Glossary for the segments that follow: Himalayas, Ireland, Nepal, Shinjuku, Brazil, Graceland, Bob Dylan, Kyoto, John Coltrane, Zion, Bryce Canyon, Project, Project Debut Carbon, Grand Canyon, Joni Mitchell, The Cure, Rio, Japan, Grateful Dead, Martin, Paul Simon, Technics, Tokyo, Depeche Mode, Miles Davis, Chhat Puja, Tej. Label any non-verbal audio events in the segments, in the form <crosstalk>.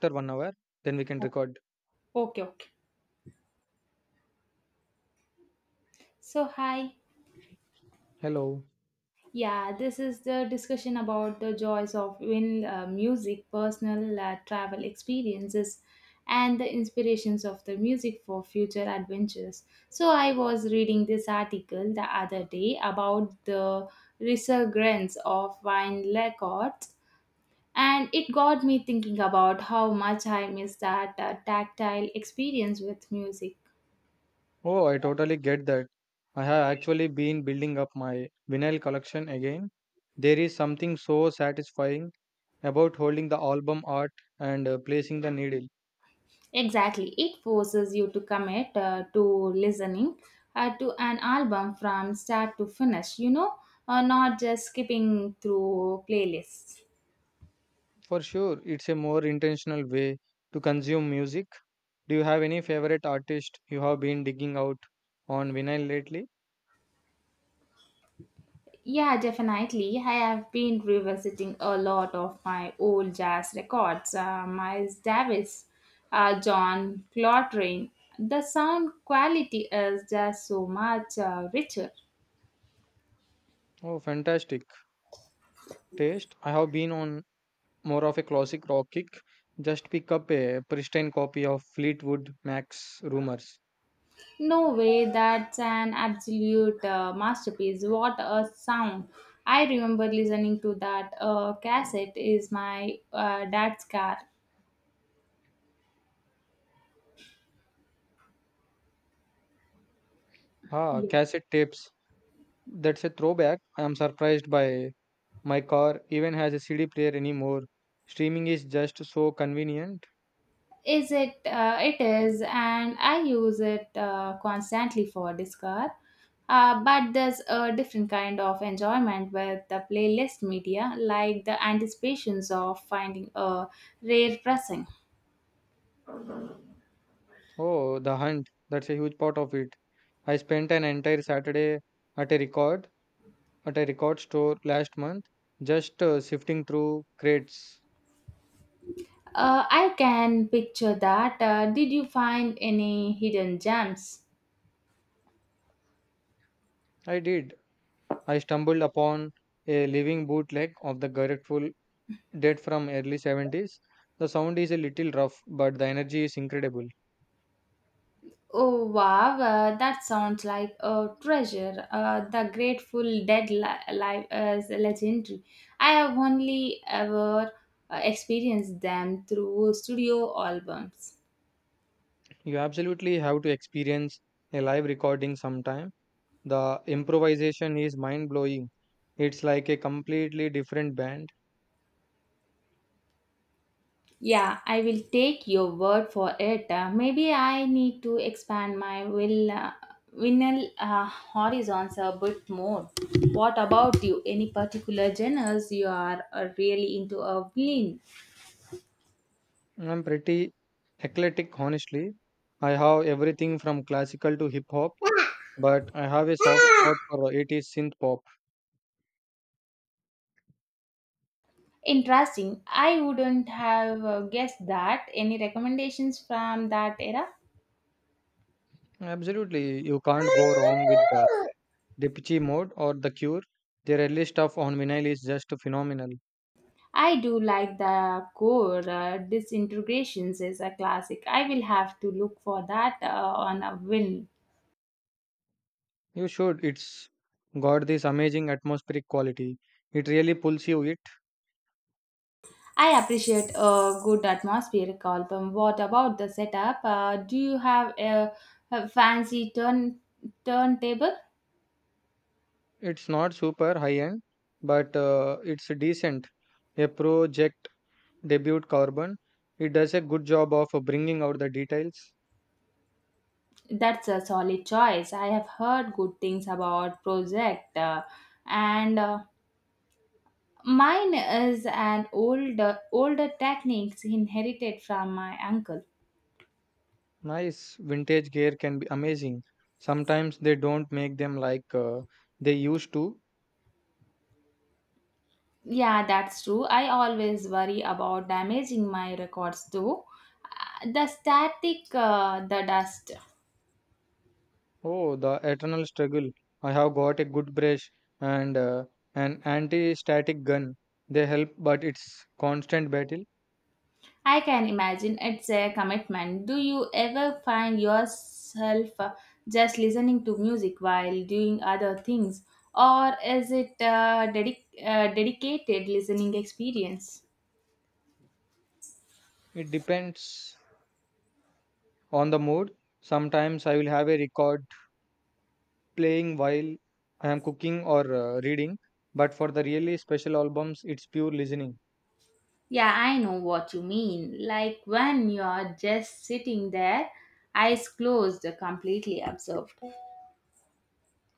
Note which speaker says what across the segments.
Speaker 1: After 1 hour, then we can
Speaker 2: Okay,
Speaker 1: record.
Speaker 2: okay. So, hi.
Speaker 1: Hello.
Speaker 2: Yeah, this is the discussion about the joys of in music, personal travel experiences, and the inspirations of the music for future adventures. So, I was reading this article the other day about the resurgence of wine records, and it got me thinking about how much I miss that tactile experience with music.
Speaker 1: Oh, I totally get that. I have actually been building up my vinyl collection again. There is something so satisfying about holding the album art and placing the needle.
Speaker 2: Exactly. It forces you to commit to listening to an album from start to finish, you know, not just skipping through playlists.
Speaker 1: For sure, it's a more intentional way to consume music. Do you have any favorite artist you have been digging out on vinyl lately?
Speaker 2: Yeah, definitely. I have been revisiting a lot of my old jazz records. Miles Davis, John Coltrane. The sound quality is just so much richer.
Speaker 1: Oh, fantastic taste. I have been on more of a classic rock kick. Just pick up a pristine copy of Fleetwood Mac's Rumors.
Speaker 2: No way, that's an absolute masterpiece. What a sound. I remember listening to that cassette is my dad's car.
Speaker 1: Ah,
Speaker 2: Yeah.
Speaker 1: cassette tapes. That's a throwback. I am surprised by my car even has a CD player anymore. Streaming is just so convenient.
Speaker 2: Is it? It is, and I use it constantly for this car. But there's a different kind of enjoyment with the playlist media, like the anticipations of finding a rare pressing.
Speaker 1: Oh, the hunt. That's a huge part of it. I spent an entire Saturday at a record at a record store last month, just sifting through crates.
Speaker 2: I can picture that. Did you find any hidden gems?
Speaker 1: I did. I stumbled upon a living bootleg of the grateful date from early 70s. The sound is a little rough, but the energy is incredible.
Speaker 2: Oh wow, that sounds like a treasure. The Grateful Dead live is legendary. I have only ever experienced them through studio albums.
Speaker 1: You absolutely have to experience a live recording sometime. The improvisation is mind blowing. It's like a completely different band.
Speaker 2: Yeah, I will take your word for it. Maybe I need to expand my vinyl horizons a bit more. What about you? Any particular genres you are really into? A vinyl?
Speaker 1: I'm pretty eclectic, honestly. I have everything from classical to hip hop, but I have a soft spot for 80s synth pop.
Speaker 2: Interesting. I wouldn't have guessed that. Any recommendations from that era?
Speaker 1: Absolutely, you can't go wrong with the Depeche Mode or The Cure. Their early stuff on vinyl is just phenomenal.
Speaker 2: I do like the core disintegrations is a classic. I will have to look for that on a whim.
Speaker 1: You should. It's got this amazing atmospheric quality. It really pulls you. It
Speaker 2: I appreciate a good atmospheric album. What about the setup? Do you have a fancy turntable?
Speaker 1: it's not super high end, but it's decent. A project debut carbon. It does a good job of bringing out the details.
Speaker 2: That's a solid choice. I have heard good things about Project and. Mine is an older techniques inherited from my uncle.
Speaker 1: Nice vintage gear can be amazing. Sometimes they don't make them like they used to.
Speaker 2: Yeah, that's true. I always worry about damaging my records though. The static, the dust.
Speaker 1: Oh, the eternal struggle. I have got a good brush and an anti-static gun. They help, but it's constant battle.
Speaker 2: I can imagine it's a commitment. Do you ever find yourself just listening to music while doing other things, or is it a dedicated listening experience?
Speaker 1: It depends on the mood. Sometimes I will have a record playing while I am cooking or reading, but for the really special albums, it's pure listening.
Speaker 2: Yeah, I know what you mean. Like when you're just sitting there, eyes closed, completely absorbed.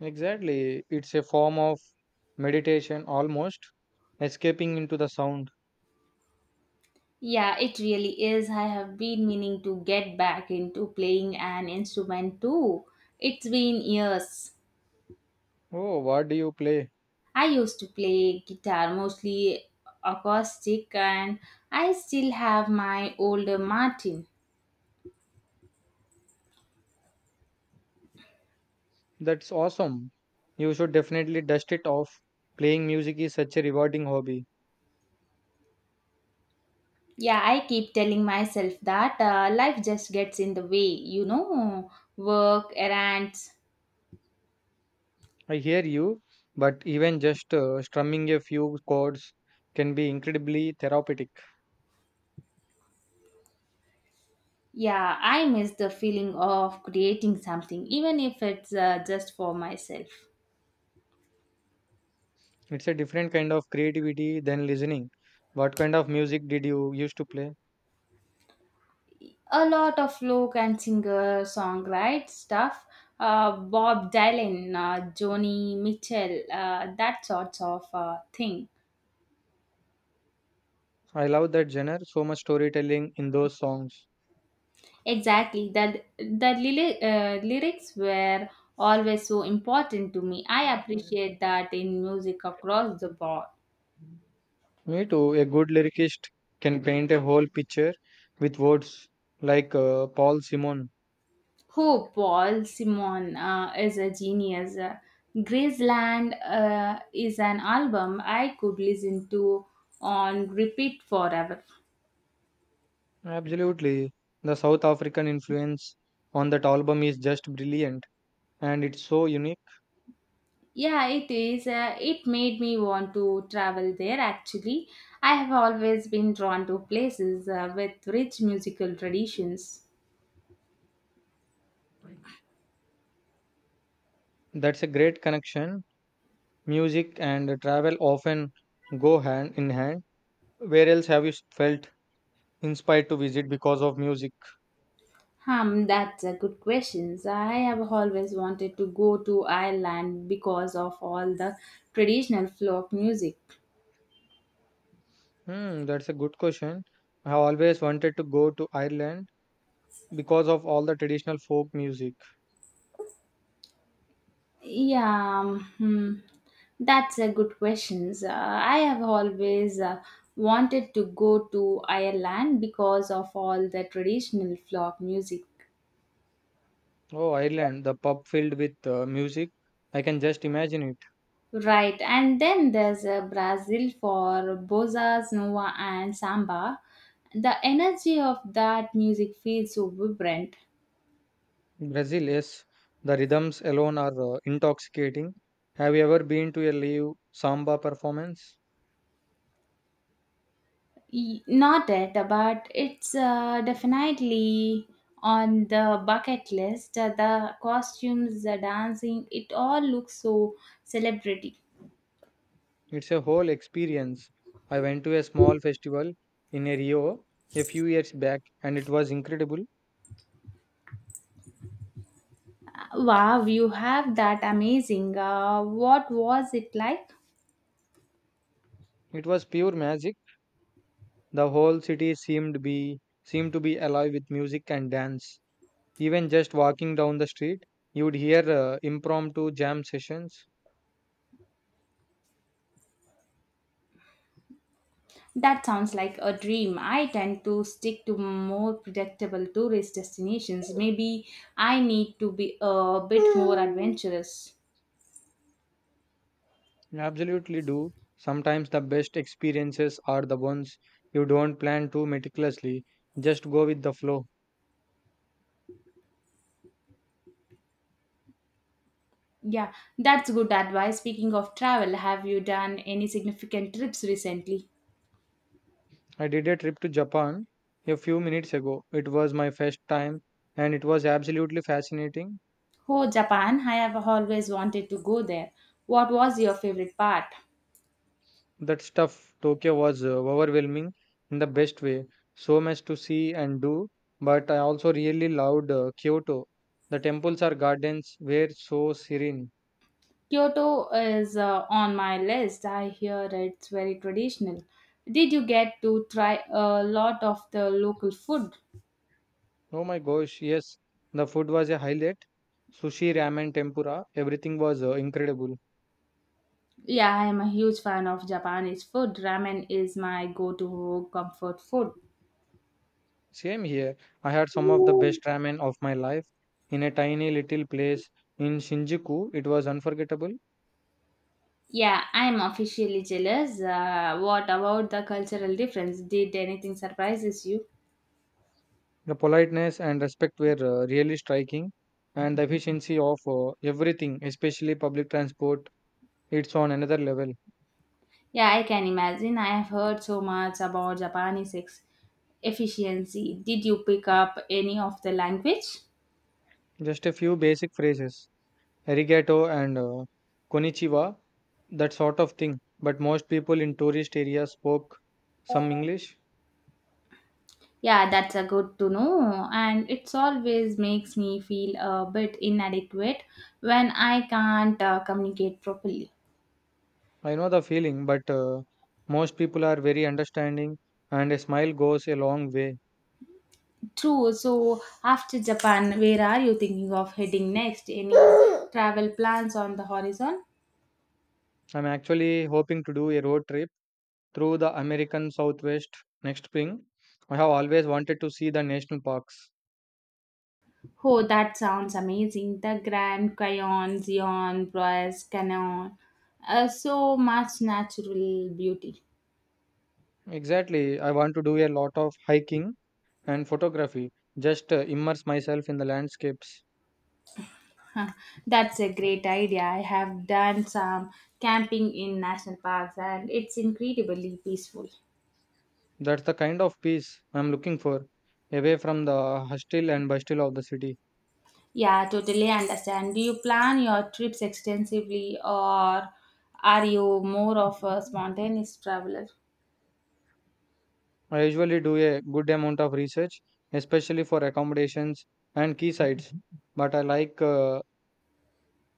Speaker 1: Exactly. It's a form of meditation almost, escaping into the sound.
Speaker 2: Yeah, it really is. I have been meaning to get back into playing an instrument too. It's been years.
Speaker 1: Oh, what do you play?
Speaker 2: I used to play guitar, mostly acoustic, and I still have my older Martin.
Speaker 1: That's awesome. You should definitely dust it off. Playing music is such a rewarding hobby.
Speaker 2: Yeah, I keep telling myself that life just gets in the way, you know, work, errands.
Speaker 1: I hear you, but even just strumming a few chords can be incredibly therapeutic.
Speaker 2: Yeah, I miss the feeling of creating something, even if it's just for myself.
Speaker 1: It's a different kind of creativity than listening. What kind of music did you used to play?
Speaker 2: A lot of folk and singer songwrite stuff, Bob Dylan, Joni Mitchell, that sorts of thing.
Speaker 1: I love that genre, so much storytelling in those songs.
Speaker 2: Exactly, that the lyrics were always so important to me. I appreciate that in music across the board.
Speaker 1: Me too. A good lyricist can paint a whole picture with words like Paul Simon.
Speaker 2: Oh, Paul Simon is a genius. Graceland is an album I could listen to on repeat forever.
Speaker 1: Absolutely. The South African influence on that album is just brilliant and it's so unique.
Speaker 2: Yeah, it is. It made me want to travel there actually. I have always been drawn to places with rich musical traditions.
Speaker 1: That's a great connection. Music and travel often go hand in hand. Where else have you felt inspired to visit because of music?
Speaker 2: That's a good question. I have always wanted to go to Ireland because of all the traditional folk music.
Speaker 1: Hmm, that's a good question. I have always wanted to go to Ireland because of all the traditional folk music.
Speaker 2: Yeah, that's a good question. I have always wanted to go to Ireland because of all the traditional folk music.
Speaker 1: Oh, Ireland, the pub filled with music. I can just imagine it.
Speaker 2: Right, and then there's Brazil for bozas, nova, and samba. The energy of that music feels so vibrant.
Speaker 1: Brazil, yes, the rhythms alone are intoxicating. Have you ever been to a live samba performance?
Speaker 2: Not it, but it's definitely on the bucket list. The costumes, the dancing, it all looks so celebrity.
Speaker 1: It's a whole experience. I went to a small festival in a Rio a few years back and it was incredible.
Speaker 2: Wow, you have that amazing. What was it like?
Speaker 1: It was pure magic. The whole city seemed to be alive with music and dance. Even just walking down the street, you would hear impromptu jam sessions.
Speaker 2: That sounds like a dream. I tend to stick to more predictable tourist destinations. Maybe I need to be a bit more adventurous.
Speaker 1: You absolutely do. Sometimes the best experiences are the ones you don't plan too meticulously, just go with the flow.
Speaker 2: Yeah, that's good advice. Speaking of travel, have you done any significant trips recently?
Speaker 1: I did a trip to Japan a few minutes ago. It was my first time and it was absolutely fascinating.
Speaker 2: Oh, Japan, I have always wanted to go there. What was your favorite part?
Speaker 1: That stuff, Tokyo was overwhelming in the best way. So much to see and do, but I also really loved Kyoto. The temples or gardens were so serene.
Speaker 2: Kyoto is on my list. I hear it's very traditional. Did you get to try a lot of the local food?
Speaker 1: Oh my gosh, yes, the food was a highlight. Sushi, ramen, tempura, everything was incredible.
Speaker 2: Yeah, I am a huge fan of Japanese food. Ramen is my go to comfort food.
Speaker 1: Same here. I had some of the best ramen of my life in a tiny little place in Shinjuku. It was unforgettable.
Speaker 2: Yeah, I'm officially jealous. What about the cultural difference? Did anything surprises you?
Speaker 1: The politeness and respect were really striking, and the efficiency of everything, especially public transport, it's on another level.
Speaker 2: Yeah, I can imagine. I have heard so much about Japanese efficiency. Did you pick up any of the language?
Speaker 1: Just a few basic phrases, arigato and konnichiwa, that sort of thing. But most people in tourist areas spoke some English.
Speaker 2: Yeah, that's a good to know. And it's always makes me feel a bit inadequate when I can't communicate properly.
Speaker 1: I know the feeling, but most people are very understanding, and a smile goes a long way.
Speaker 2: True. So after Japan, where are you thinking of heading next? Any <coughs> travel plans on the horizon?
Speaker 1: I'm actually hoping to do a road trip through the American Southwest next spring. I have always wanted to see the national parks.
Speaker 2: Oh, that sounds amazing. The Grand Canyon, Zion, Bryce Canyon. So much natural beauty.
Speaker 1: Exactly, I want to do a lot of hiking and photography, just immerse myself in the landscapes.
Speaker 2: Huh, That's a great idea. I have done some camping in national parks and it's incredibly peaceful.
Speaker 1: That's the kind of peace I'm looking for, away from the hustle and bustle of the city.
Speaker 2: Yeah, totally understand. Do you plan your trips extensively or are you more of a spontaneous traveler?
Speaker 1: I usually do a good amount of research, especially for accommodations and key sites, but I like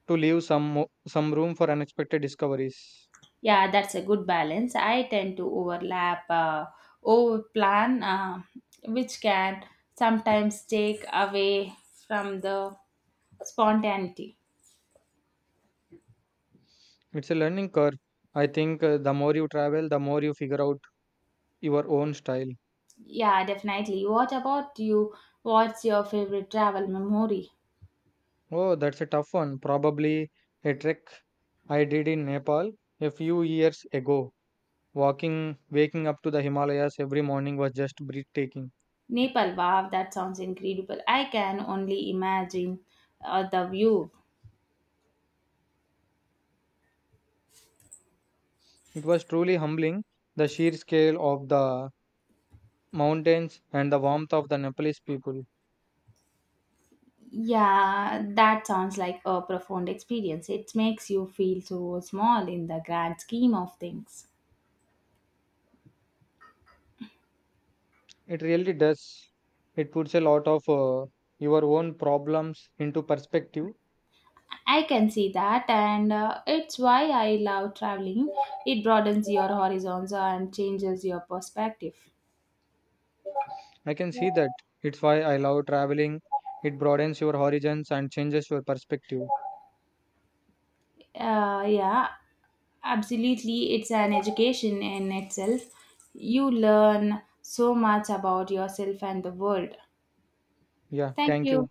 Speaker 1: to leave some room for unexpected discoveries.
Speaker 2: Yeah, that's a good balance. I tend to overplan, which can sometimes take away from the spontaneity.
Speaker 1: It's a learning curve. I think the more you travel, the more you figure out your own style.
Speaker 2: Yeah, definitely. What about you? What's your favorite travel memory?
Speaker 1: Oh, that's a tough one. Probably a trek I did in Nepal a few years ago. Waking up to the Himalayas every morning was just breathtaking.
Speaker 2: Nepal, wow, that sounds incredible. I can only imagine the view.
Speaker 1: It was truly humbling, the sheer scale of the mountains and the warmth of the Nepalese people.
Speaker 2: Yeah, that sounds like a profound experience. It makes you feel so small in the grand scheme of things.
Speaker 1: It really does. It puts a lot of your own problems into perspective.
Speaker 2: I can see that, and it's why I love traveling. It broadens your horizons and changes your perspective.
Speaker 1: I can see that. It's why I love traveling. It broadens your horizons and changes your perspective.
Speaker 2: Yeah, absolutely. It's an education in itself. You learn so much about yourself and the world.
Speaker 1: Yeah,
Speaker 2: Thank
Speaker 1: thank
Speaker 2: you.
Speaker 1: you.